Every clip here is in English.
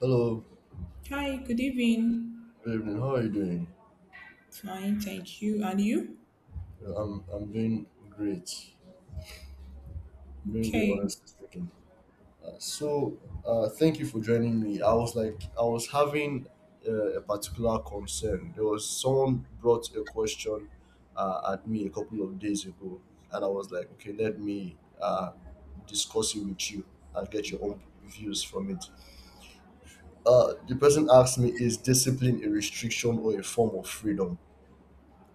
Hello, Hi, good evening. good evening. How are you doing? Fine, thank you. And you? I'm doing great. I'm doing great, Okay. honestly speaking. Uh, so, thank you for joining me. I was having a particular concern. There was someone brought a question at me a couple of days ago, and I was like, okay, let me discuss it with you and get your own views from it. The person asked me, is discipline a restriction or a form of freedom?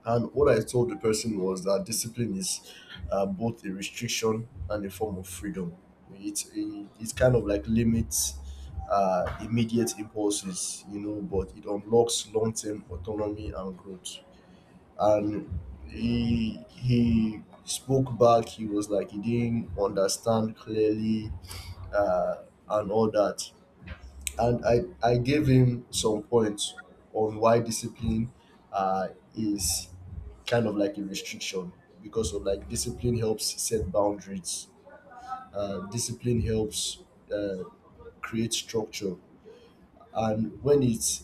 And what I told the person was that discipline is both a restriction and a form of freedom. It kind of like limits immediate impulses, you know, but it unlocks long term autonomy and growth. And he spoke back, he was like, he didn't understand clearly uh, and all that, and I gave him some points on why discipline uh, is kind of like a restriction because of like discipline helps set boundaries. Uh, discipline helps uh, create structure. And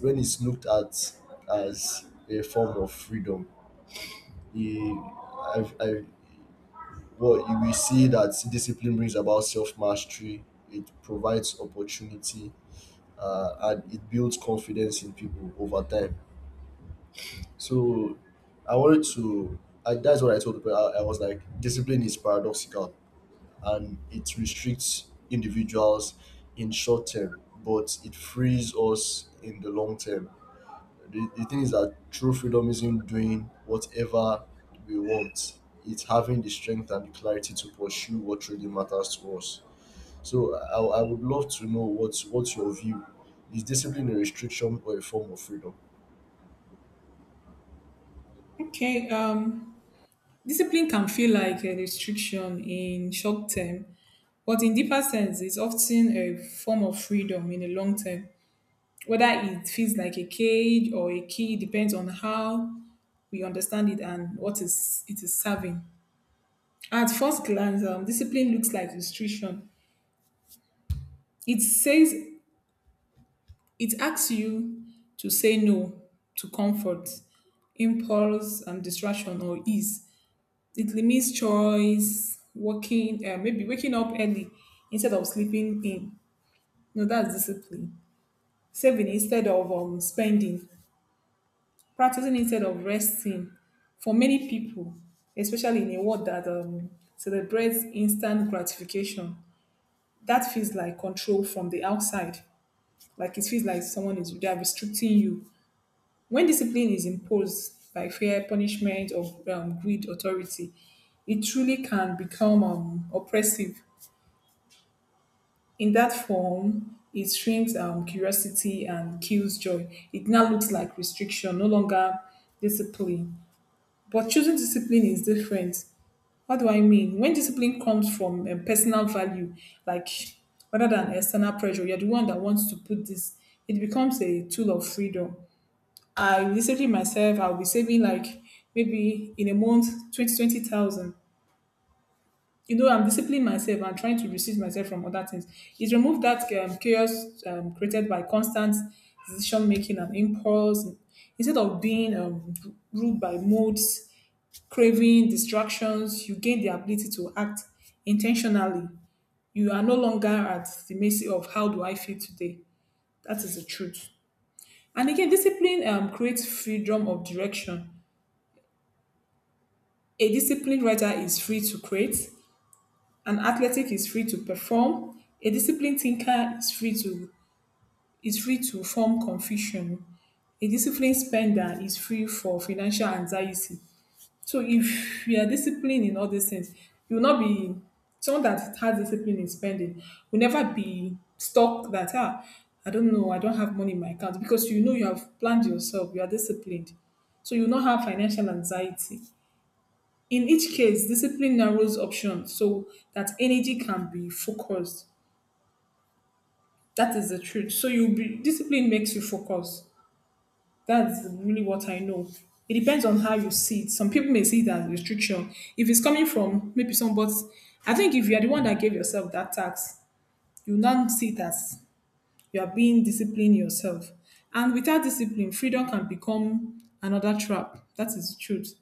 when it's looked at as a form of freedom, he, I, I, well you will see that discipline brings about self-mastery. It provides opportunity, and it builds confidence in people over time. So I wanted to, I, that's what I told people. I was like, discipline is paradoxical and it restricts individuals in short term, but it frees us in the long term. The thing is that true freedom isn't doing whatever we want. It's having the strength and the clarity to pursue what really matters to us. So I would love to know what's your view. Is discipline a restriction or a form of freedom? Okay. Discipline can feel like a restriction in short term, but in deeper sense, it's often a form of freedom in the long term. Whether it feels like a cage or a key depends on how we understand it and what is it is serving. At first glance, discipline looks like restriction. It says It asks you to say no to comfort, impulse, and distraction or ease. It limits choice, working, maybe waking up early instead of sleeping in. No, that's discipline. Saving instead of spending, practicing instead of resting. For many people, especially in a world that celebrates instant gratification, that feels like control from the outside. Like it feels like someone is they are restricting you. When discipline is imposed by fear, punishment, or greed, authority, it truly can become oppressive. In that form, it shrinks curiosity and kills joy. It now looks like restriction, no longer discipline. But choosing discipline is different. What do I mean? When discipline comes from personal value, like rather than external pressure, you're the one that wants to put this, it becomes a tool of freedom. I will be saving myself. I'll be saving like maybe in a month, 20 20,000. You know, I'm disciplining myself. I'm trying to restrict myself from other things. It removed that chaos created by constant decision making and impulse. Instead of being ruled by moods, craving, distractions, you gain the ability to act intentionally. You are no longer at the mercy of how do I feel today. That is the truth. And again, discipline creates freedom of direction. A disciplined writer is free to create. An athletic is free to perform. A disciplined thinker is free to form confusion. A disciplined spender is free for financial anxiety. So if you are disciplined in all these things, you will not be someone that has discipline in spending will never be stuck that ah I don't know, I don't have money in my account because you know you have planned yourself, you are disciplined. So you will not have financial anxiety. In each case, discipline narrows options so that energy can be focused. That is the truth. So you be discipline makes you focus. That's really what I know. It depends on how you see it. Some people may see it as restriction. If it's coming from maybe somebody, I think if you are the one that gave yourself that tax, you now see it as you are being disciplined yourself. And without discipline, freedom can become another trap. That is the truth.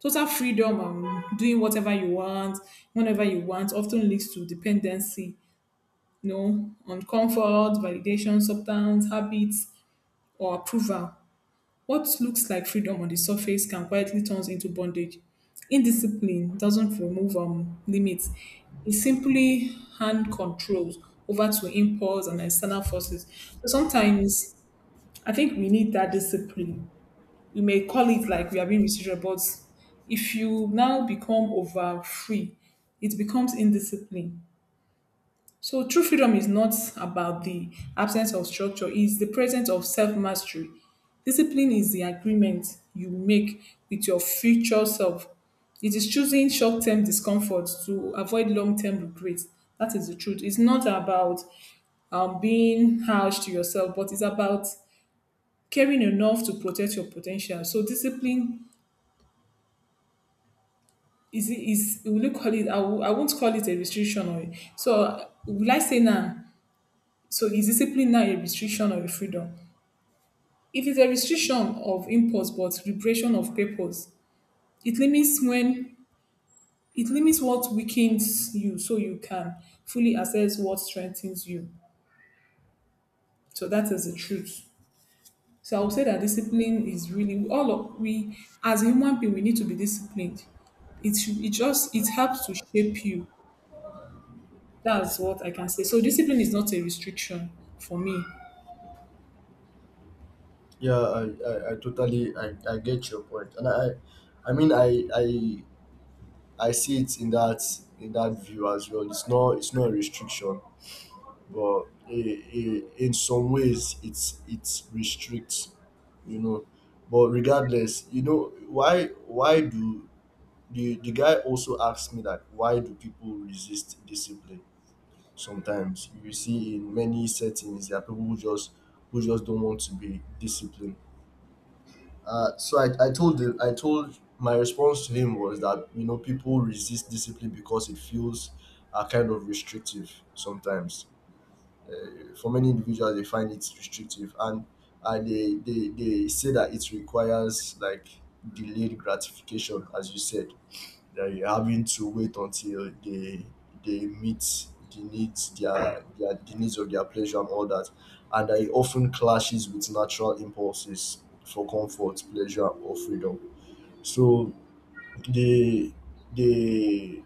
Total freedom doing whatever you want, whenever you want, often leads to dependency, you know, on comfort, validation, substance, habits, or approval. What looks like freedom on the surface can quietly turn into bondage. Indiscipline doesn't remove limits, it simply hand controls over to impulse and external forces. So sometimes I think we need that discipline. You may call it like we are being restricted, but if you now become over free, it becomes indiscipline. So true freedom is not about the absence of structure, it's the presence of self-mastery. Discipline is the agreement you make with your future self. It is choosing short-term discomfort to avoid long-term regret. That is the truth. It's not about being harsh to yourself, but it's about caring enough to protect your potential. So discipline is will you call it? I won't call it a restriction or so. Will I say now? So is discipline now a restriction or a freedom? If it's a restriction of impulse but liberation of purpose, it limits when it limits what weakens you so you can fully assess what strengthens you. So that is the truth. So I would say that discipline is really all of we as a human being we need to be disciplined. It just it helps to shape you. That's what I can say. So discipline is not a restriction for me. Yeah, I totally I get your point. And I see it in that view as well. It's not a restriction, but I in some ways it's restricts, you know. But regardless, you know, why do the guy also asked me that why do people resist discipline? Sometimes you will see in many settings there are people who just don't want to be disciplined. So I told him. I told my response to him was that you know people resist discipline because it feels kind of restrictive sometimes. For many individuals they find it restrictive, and they they say that it requires like delayed gratification as you said, they're having to wait until they meet the needs, their the needs of their pleasure and all that, and that it often clashes with natural impulses for comfort, pleasure, or freedom. So they they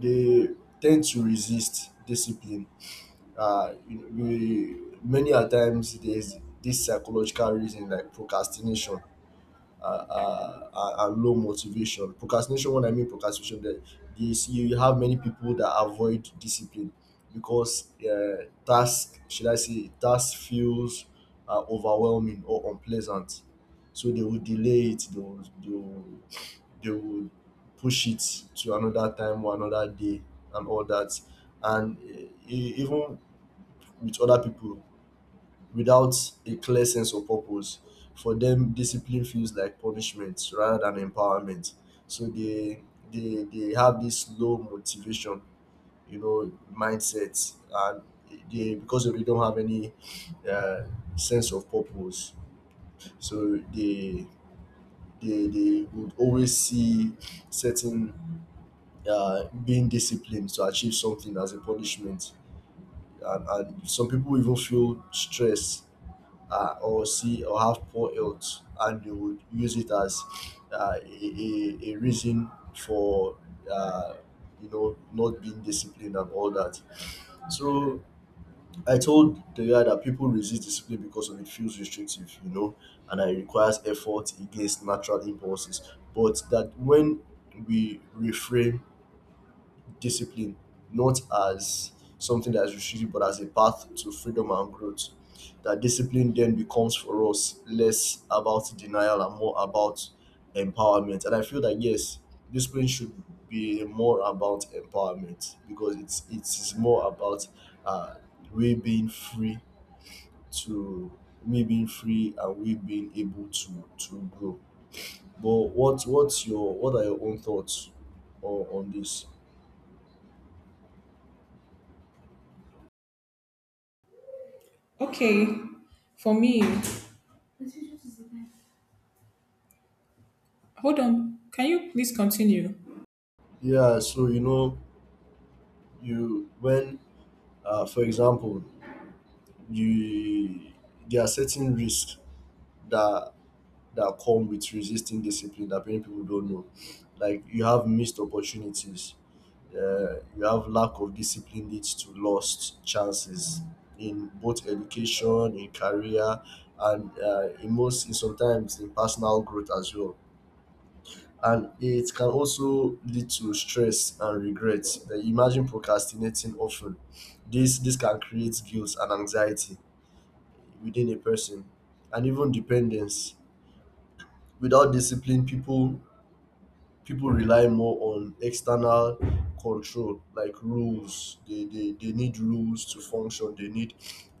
they tend to resist discipline. You know, we many a times there's this psychological reason like procrastination, and low motivation. Procrastination, what I mean procrastination, that this you have many people that avoid discipline because task, should I say, task feels overwhelming or unpleasant. So they will delay it. They will push it to another time or another day and all that. And even with other people, without a clear sense of purpose. For them, discipline feels like punishment rather than empowerment. So they they have this low motivation, you know, mindset, and they because they don't have any uh, sense of purpose. So they they would always see certain being disciplined to achieve something as a punishment. And, some people even feel stress or see or have poor health and they would use it as a reason for uh, you know, not being disciplined and all that. So I told the guy that people resist discipline because of it feels restrictive, you know, and it requires effort against natural impulses, but that when we reframe discipline, not as something that is restrictive, but as a path to freedom and growth. That discipline then becomes for us less about denial and more about empowerment. And I feel that yes, discipline should be more about empowerment because it's more about uh, we being free to we being free and we being able to grow. But what's your what are your own thoughts on this? Okay, for me, hold on. Can you please continue? Yeah, so you know you when for example you there are certain risks that that come with resisting discipline that many people don't know. Like you have missed opportunities, you have lack of discipline leads to lost chances in both education, in career, and in sometimes in personal growth as well, and it can also lead to stress and regret. Then imagine procrastinating often. This can create guilt and anxiety within a person, and even dependence. Without discipline, people rely more on external control like rules. They need rules to function. They need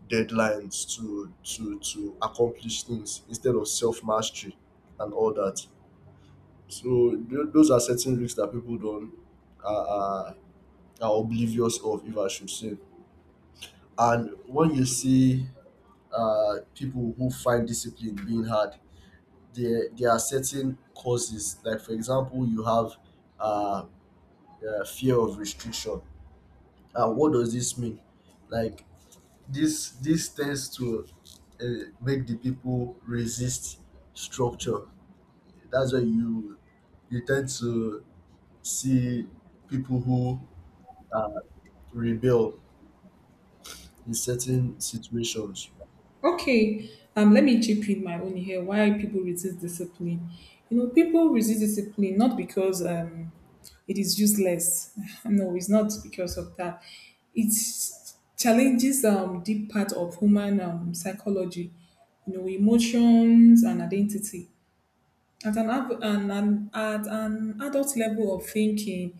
deadlines to to accomplish things instead of self mastery and all that. So those are certain risks that people don't are, are, are oblivious of, if I should say. And when you see people who find discipline being hard, there are certain causes. Like for example, you have uh, fear of restriction. And what does this mean? Like this tends to uh, make the people resist structure. That's why you tend to see people who rebel in certain situations. Okay. Let me chip in my own here. Why people resist discipline? You know, people resist discipline not because it is useless. No, it's not because of that. It challenges deep part of human psychology. You know, emotions and identity. At an, av- an at an adult level of thinking,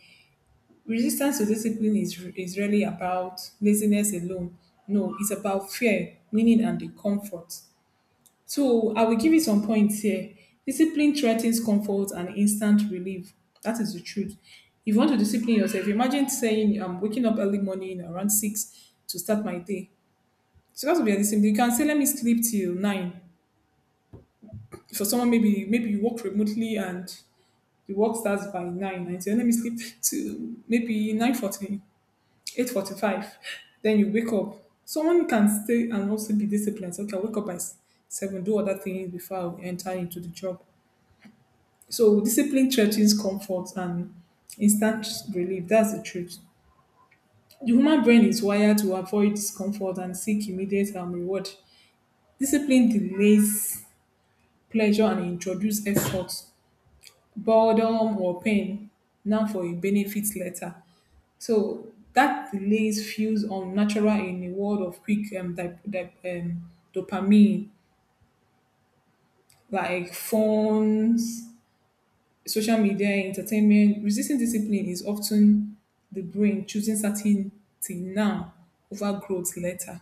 resistance to discipline is really about laziness alone. No, it's about fear, meaning, and the comfort. So I will give you some points here. Discipline threatens comfort and instant relief. That is the truth. If you want to discipline yourself, imagine saying, I'm waking up early morning around 6 to start my day. So that would be a discipline. You can say, let me sleep till 9. For someone, maybe you work remotely and the work starts by 9. And you say, let me sleep till maybe 9:40 8:45, then you wake up. Someone can stay and also be disciplined, so okay, I wake up at 7, do other things before I will enter into the job. So discipline threatens comfort and instant relief. That's the truth. The human brain is wired to avoid discomfort and seek immediate reward. Discipline delays pleasure and introduces effort, boredom or pain now for a benefit later. So that delays feels unnatural in a world of quick dopamine, like phones, social media, entertainment. Resisting discipline is often the brain choosing certainty now over growth later.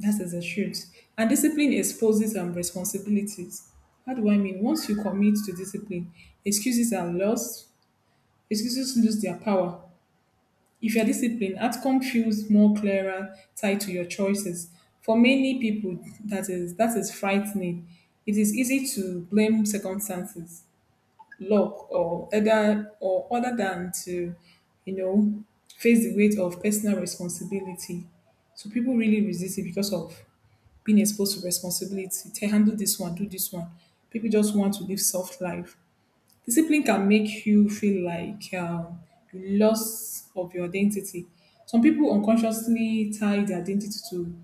That is the truth. And discipline exposes and responsibilities. How do I mean? Once you commit to discipline, excuses are lost, excuses lose their power. If you're disciplined, outcome feels more clearer tied to your choices. For many people, that is frightening. It is easy to blame circumstances, luck, or other than to, you know, face the weight of personal responsibility. So people really resist it because of being exposed to responsibility. Tell handle this one, do this one. People just want to live soft life. Discipline can make you feel like you loss of your identity. Some people unconsciously tie their identity to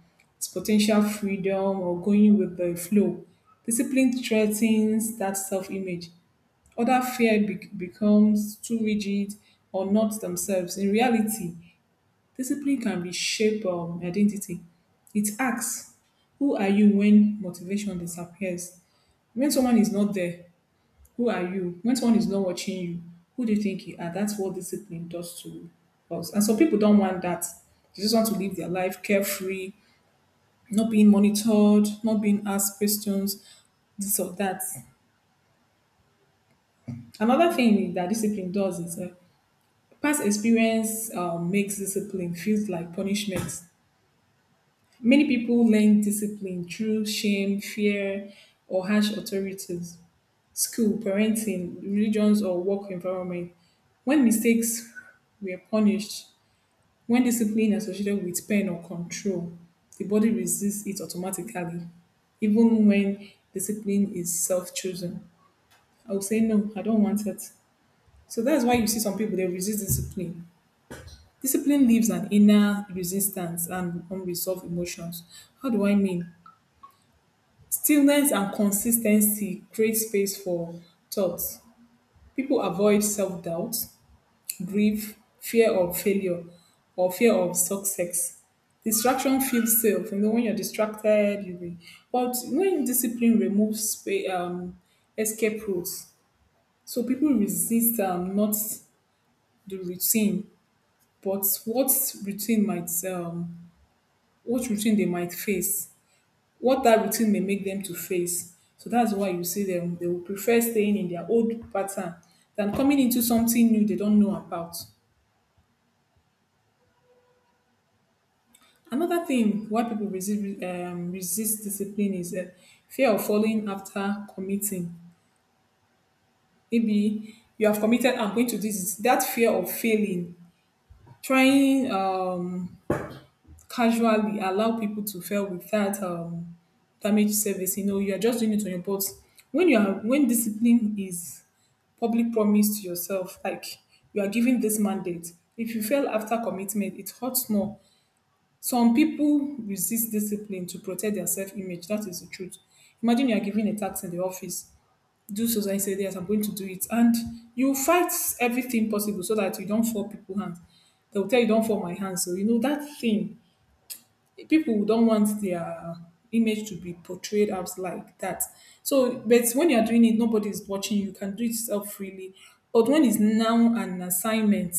potential freedom or going with the flow. Discipline threatens that self-image. Other fear becomes too rigid or not themselves. In reality, discipline can reshape identity. It asks, who are you when motivation disappears? When someone is not there, who are you? When someone is not watching you, who do you think you are? That's what discipline does to us. And some people don't want that. They just want to live their life carefree, not being monitored, not being asked questions, this or that. Another thing that discipline does is past experience makes discipline feels like punishment. Many people learn discipline through shame, fear, or harsh authorities. School, parenting, religions, or work environment. When mistakes were punished, when discipline associated with pain or control, the body resists it automatically, even when discipline is self chosen. I would say, no, I don't want it. So that's why you see some people, they resist discipline. Discipline leaves an inner resistance and unresolved emotions. How do I mean? Stillness and consistency create space for thoughts. People avoid self doubt, grief, fear of failure, or fear of success. Distraction feels safe. You know, when you're distracted, you will. But when discipline removes escape routes, so people resist not the routine, but what routine might what routine they might face, what that routine may make them to face. So that's why you see them. They will prefer staying in their old pattern than coming into something new they don't know about. Another thing why people resist resist discipline is fear of falling after committing. Maybe you have committed, I'm going to do this. That fear of failing, trying casually allow people to fail without damage service. You know, you are just doing it on your butt. When you are when discipline is public promise to yourself, like you are giving this mandate. If you fail after commitment, it hurts more. Some people resist discipline to protect their self image. That is the truth. Imagine you are given a task in the office. Do so, so and say, yes, I'm going to do it. And you fight everything possible so that you don't fall people's hands. They'll tell you, don't fall my hands. So, you know, that thing people don't want their image to be portrayed as like that. So, but when you're doing it, nobody's watching. You can do it self freely. But when it's now an assignment,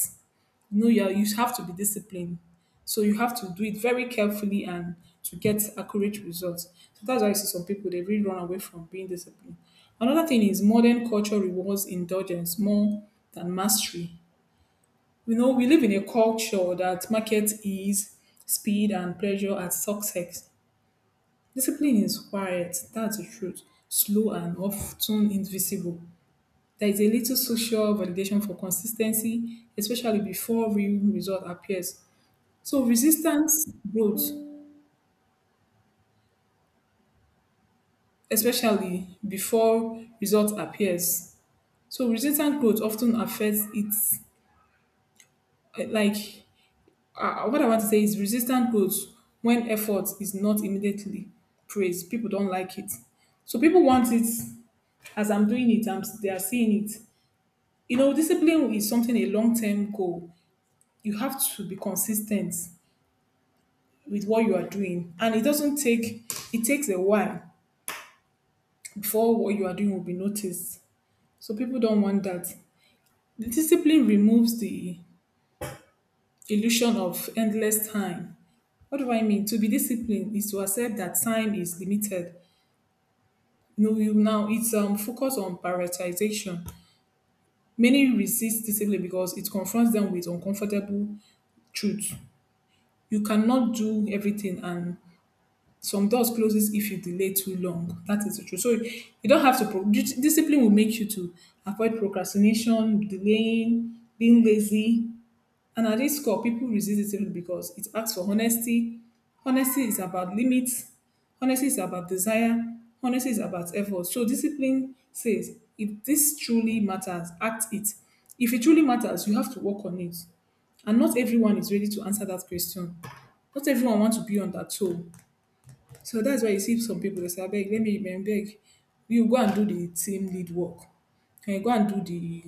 you know, you have to be disciplined. So you have to do it very carefully and to get accurate results. So that's why I see some people they really run away from being disciplined. Another thing is modern culture rewards indulgence more than mastery. You know, we live in a culture that markets ease, speed, and pleasure as success. Discipline is quiet, that's the truth, slow and often invisible. There is a little social validation for consistency, especially before real result appears. So resistance growth, especially before result appears. So resistance growth often affects its like what I want to say is resistance growth when effort is not immediately praised. People don't like it. So people want it as I'm doing it, they are seeing it. You know, discipline is something a long term goal. You have to be consistent with what you are doing. And it doesn't take, It takes a while before what you are doing will be noticed. So people don't want that. The discipline removes the illusion of endless time. What do I mean? To be disciplined is to accept that time is limited. No, you now it's focus on prioritization. Many resist discipline because it confronts them with uncomfortable truth. You cannot do everything, and some doors closes if you delay too long. That is the truth. So you don't have to. Discipline will make you to avoid procrastination, delaying, being lazy, and at this core, people resist it simply because it asks for honesty. Honesty is about limits. Honesty is about desire. Honesty is about effort. So discipline says, if this truly matters, act it. If it truly matters, you have to work on it. And not everyone is ready to answer that question. Not everyone wants to be on that toe. So that's why you see some people they say, I beg, let me. I beg. You go and do the team lead work. Can you go and do the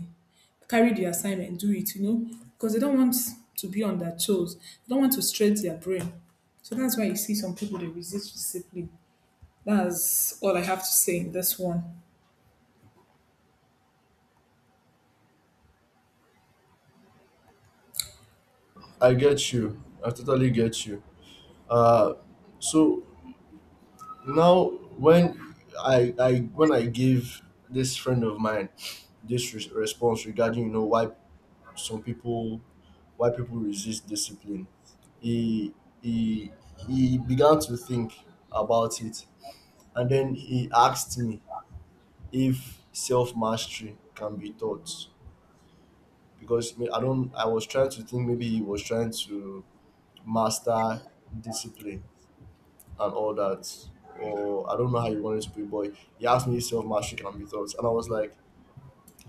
carry the assignment, do it, you know? Because they don't want to be on their toes. They don't want to stretch their brain. So that's why you see some people they resist discipline. That's all I have to say in this one. I get you. I totally get you. Uh, so now when I when I gave this friend of mine this response regarding you know why some people why people resist discipline, he he he began to think about it, and then he asked me if self mastery can be taught. Because I don't. I was trying to think maybe he was trying to master discipline and all that, or I don't know how he wanted to put it. But he asked me if self mastery can be taught, and I was like,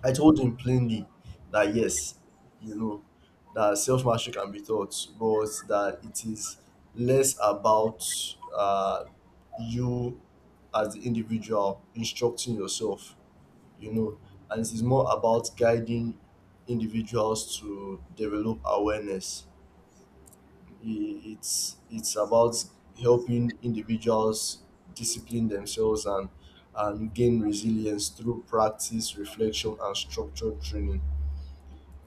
I told him plainly that yes, you know, that self mastery can be taught, but that it is less about uh, you as the individual instructing yourself, you know, and it is more about guiding individuals to develop awareness. It's about helping individuals discipline themselves and gain resilience through practice, reflection, and structured training.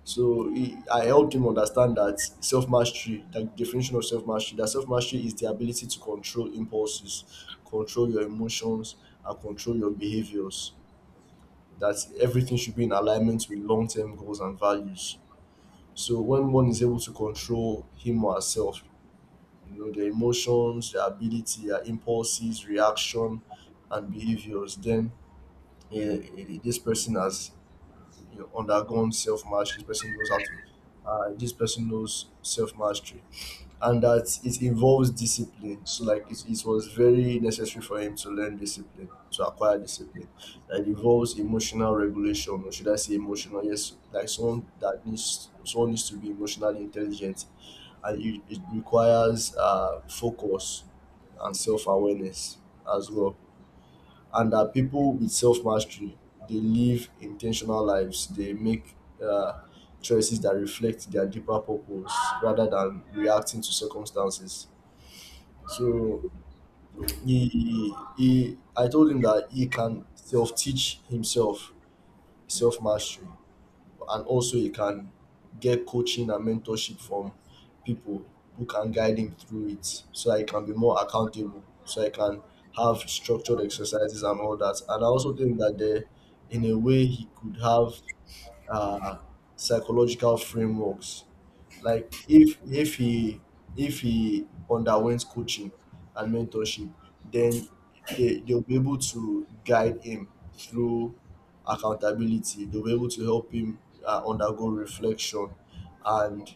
So I helped him understand that self-mastery, the definition of self-mastery, that self-mastery is the ability to control impulses, control your emotions, and control your behaviors, that everything should be in alignment with long-term goals and values. So when one is able to control him or herself, you know, their emotions, their ability, their impulses, reaction, and behaviors, then this person has you know undergone self mastery. This person knows how to. This person knows self mastery, and that it involves discipline. So like it was very necessary for him to learn discipline, to acquire discipline. That involves emotional regulation, or should I say emotional? Yes, like someone needs to be emotionally intelligent, and it requires focus and self awareness as well, and that people with self mastery they live intentional lives. They make uh, choices that reflect their deeper purpose rather than reacting to circumstances. So he I told him that he can self teach himself self mastery, and also he can get coaching and mentorship from people who can guide him through it so that he can be more accountable, so he can have structured exercises and all that. And I also think that there in a way he could have uh, psychological frameworks. Like if he underwent coaching and mentorship, then they they'll be able to guide him through accountability. They'll be able to help him undergo reflection, and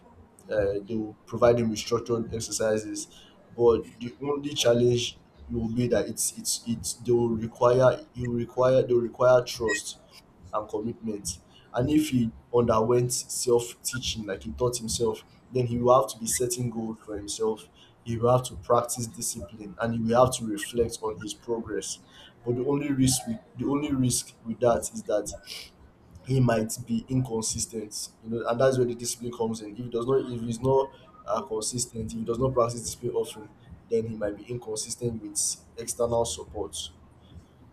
they'll provide him with structured exercises. But the only challenge will be that it's they will require you require they will require trust and commitment. And if he underwent self teaching, like he taught himself, then he will have to be setting goals for himself. He will have to practice discipline and he will have to reflect on his progress. But the only risk with that is that he might be inconsistent. You know, and that's where the discipline comes in. If he does not if he's not consistent, if he does not practice discipline often, then he might be inconsistent with external support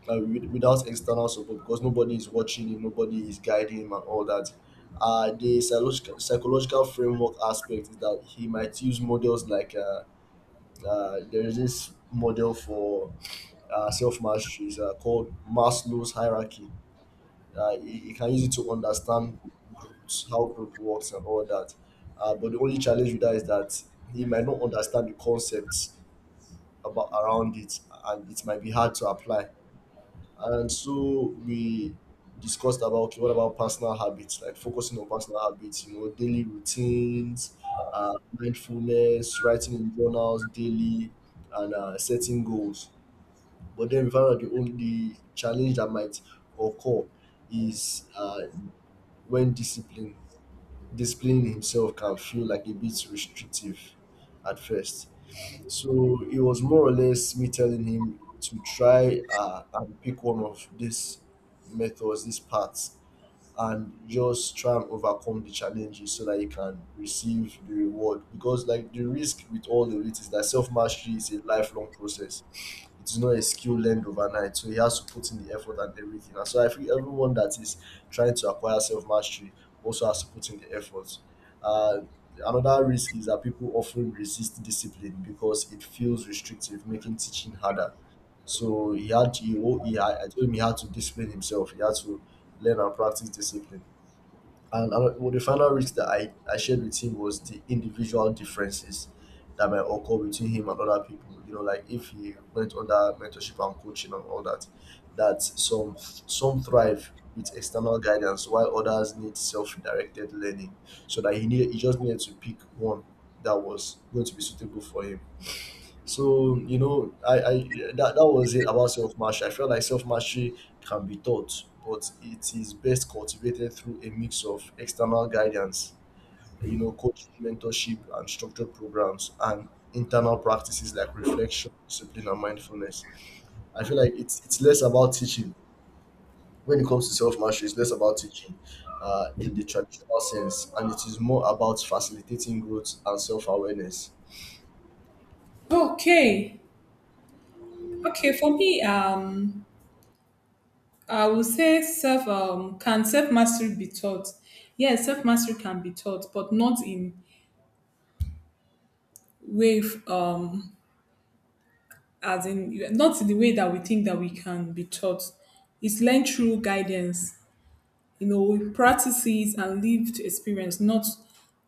without external support, because nobody is watching him, nobody is guiding him, and all that. The psychological framework aspect is that he might use models like there is this model for self mastery is called Maslow's hierarchy. You can use it to understand groups, how group works, and all that. But the only challenge with that is that he might not understand the concepts about around it, and it might be hard to apply. And so we discussed about okay, what about personal habits, like focusing on personal habits, you know, daily routines, mindfulness, writing in journals daily, and setting goals. But then we found out the challenge that might occur is when discipline disciplining himself can feel like a bit restrictive at first. So it was more or less me telling him to try and pick one of these methods, these paths, and just try and overcome the challenges so that you can receive the reward. Because like the risk with all of it is that self mastery is a lifelong process. It is not a skill learned overnight. So he has to put in the effort and everything. And so I feel everyone that is trying to acquire self mastery also has to put in the effort. Uh, another risk is that people often resist discipline because it feels restrictive, making teaching harder. So he had to, he, I told him he had to discipline himself. He had to learn and practice discipline. And well, the final risk that I shared with him was the individual differences that might occur between him and other people. You know, like if he went under mentorship and coaching and all that, that some thrive with external guidance while others need self-directed learning. So that he just needed to pick one that was going to be suitable for him. So you know, I that was it about self mastery. I felt like self mastery can be taught, but it is best cultivated through a mix of external guidance, you know, coaching, mentorship, and structured programs, and internal practices like reflection, discipline, and mindfulness. I feel like it's less about teaching when it comes to self mastery. It's less about teaching, in the traditional sense, and it is more about facilitating growth and self awareness. Okay. Okay, for me, I would say self can self mastery be taught? Yes, self mastery can be taught, but not in way um not in the way that we think that we can be taught. It's learned through guidance, you know, practices and lived experience, not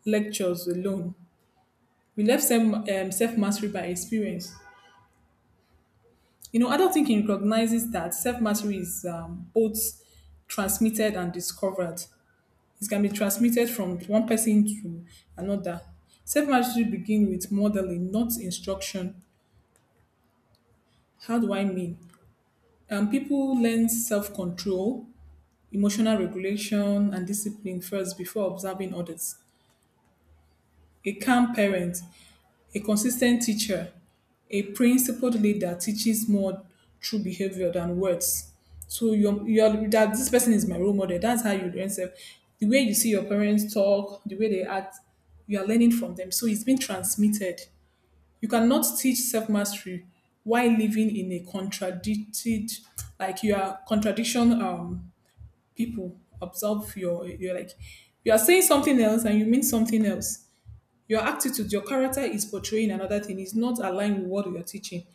lectures alone. We left self self mastery by experience. You know, adult thinking recognizes that self mastery is both transmitted and discovered. It can be transmitted from one person to another. Self mastery begins with modeling, not instruction. How do I mean? People learn self control, emotional regulation and discipline first before observing others. A calm parent, a consistent teacher, a principled leader teaches more through behavior than words. So you're that this person is my role model. That's how you learn self. The way you see your parents talk, the way they act, you are learning from them. So it's been transmitted. You cannot teach self mastery while living in a contradicted, like you are contradiction, people observe your you're like you are saying something else and you mean something else. Your attitude, your character is portraying another thing, is not aligned with what you're teaching.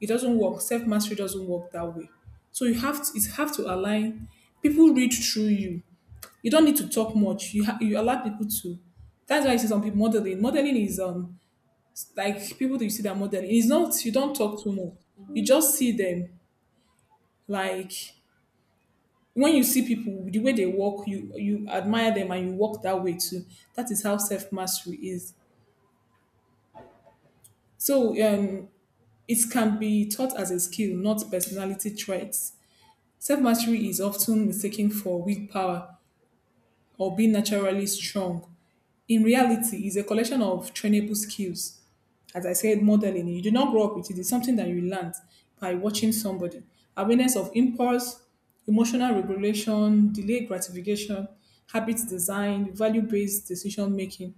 It doesn't work. Self mastery doesn't work that way. So you have to, it have to align. People read through you. You don't need to talk much. You allow people to, that's why I see some people modeling. Modeling is, like people that you see that modeling, it's not, you don't talk too much. You just see them, like when you see people the way they walk, you admire them and you walk that way too. That is how self mastery is. So, it can be taught as a skill, not personality traits. Self mastery is often mistaken for willpower or being naturally strong. In reality is a collection of trainable skills. As I said, modeling. You do not grow up with it. It's something that you learned by watching somebody. Awareness of impulse, emotional regulation, delayed gratification, habit design, value-based decision making.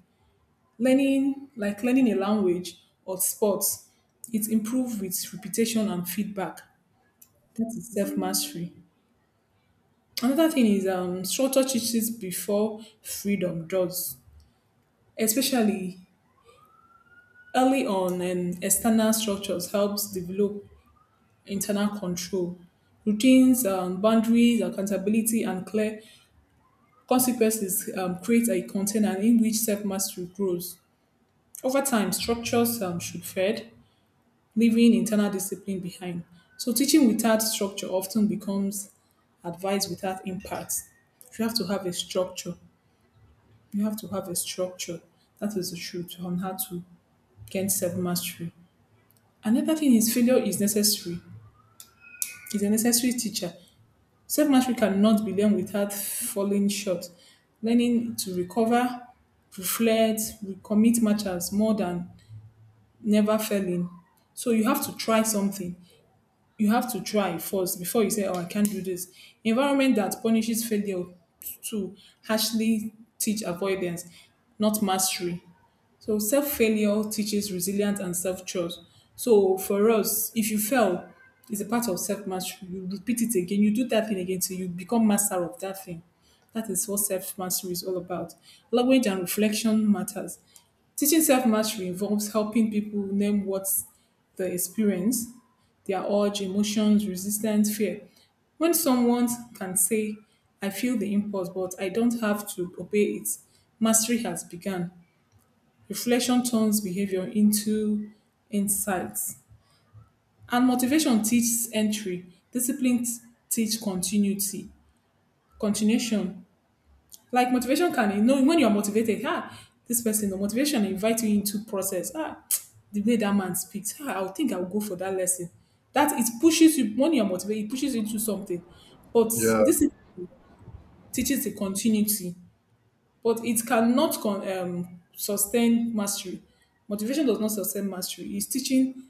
Learning, like learning a language or sports, it improves with repetition and feedback. That is self-mastery. Another thing is structure teaches before freedom does, especially early on, and external structures helps develop internal control. Routines, boundaries, accountability, and clear consequences create a container in which self mastery grows. Over time, structures should fed, leaving internal discipline behind. So, teaching without structure often becomes advice without impact. You have to have a structure. You have to have a structure. That is the truth on how to gain self mastery. Another thing is failure is necessary. Is a necessary teacher. Self-mastery cannot be learned without falling short. Learning to recover, reflect, recommit matters more than never failing. So you have to try something. You have to try first before you say, "Oh, I can't do this." Environment that punishes failure to harshly teach avoidance, not mastery. So self failure teaches resilience and self trust. So for us, if you fail, it's a part of self mastery. You repeat it again, you do that thing again till you become master of that thing. That is what self mastery is all about. Language and reflection matters. Teaching self mastery involves helping people name what they experience, their urge, emotions, resistance, fear. When someone can say, I feel the impulse, but I don't have to obey it, mastery has begun. Reflection turns behavior into insights. And motivation teaches entry. Discipline teaches continuity, continuation. Like motivation can, you know, when you're motivated, ah, this person, the motivation invites you into process. Ah, the way that man speaks, ah, I'll think I'll go for that lesson. That it pushes you when you're motivated, it pushes you into something. But Yeah, this is- teaches the continuity, but it cannot sustain mastery. Motivation does not sustain mastery. It's teaching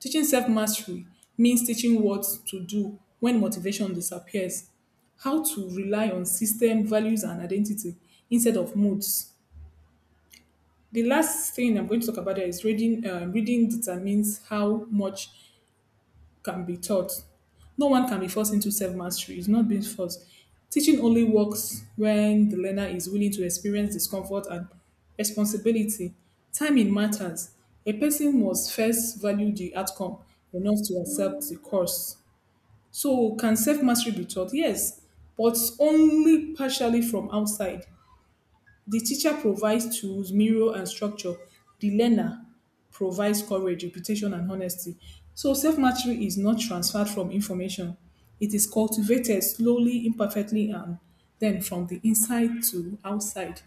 Teaching self mastery means teaching what to do when motivation disappears, how to rely on system, values, and identity instead of moods. The last thing I'm going to talk about there is reading. Reading determines how much can be taught. No one can be forced into self mastery. It's not being forced. Teaching only works when the learner is willing to experience discomfort and responsibility. Timing matters. A person must first value the outcome enough to accept the cost. So, can self mastery be taught? Yes, but only partially from outside. The teacher provides tools, mirror and structure. The learner provides courage, reputation and honesty. So self-mastery is not transferred from information. It is cultivated slowly, imperfectly and then from the inside to outside.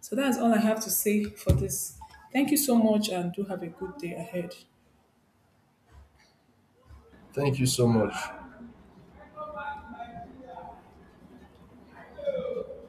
So that's all I have to say for this. Thank you so much and do have a good day ahead. thank you so much.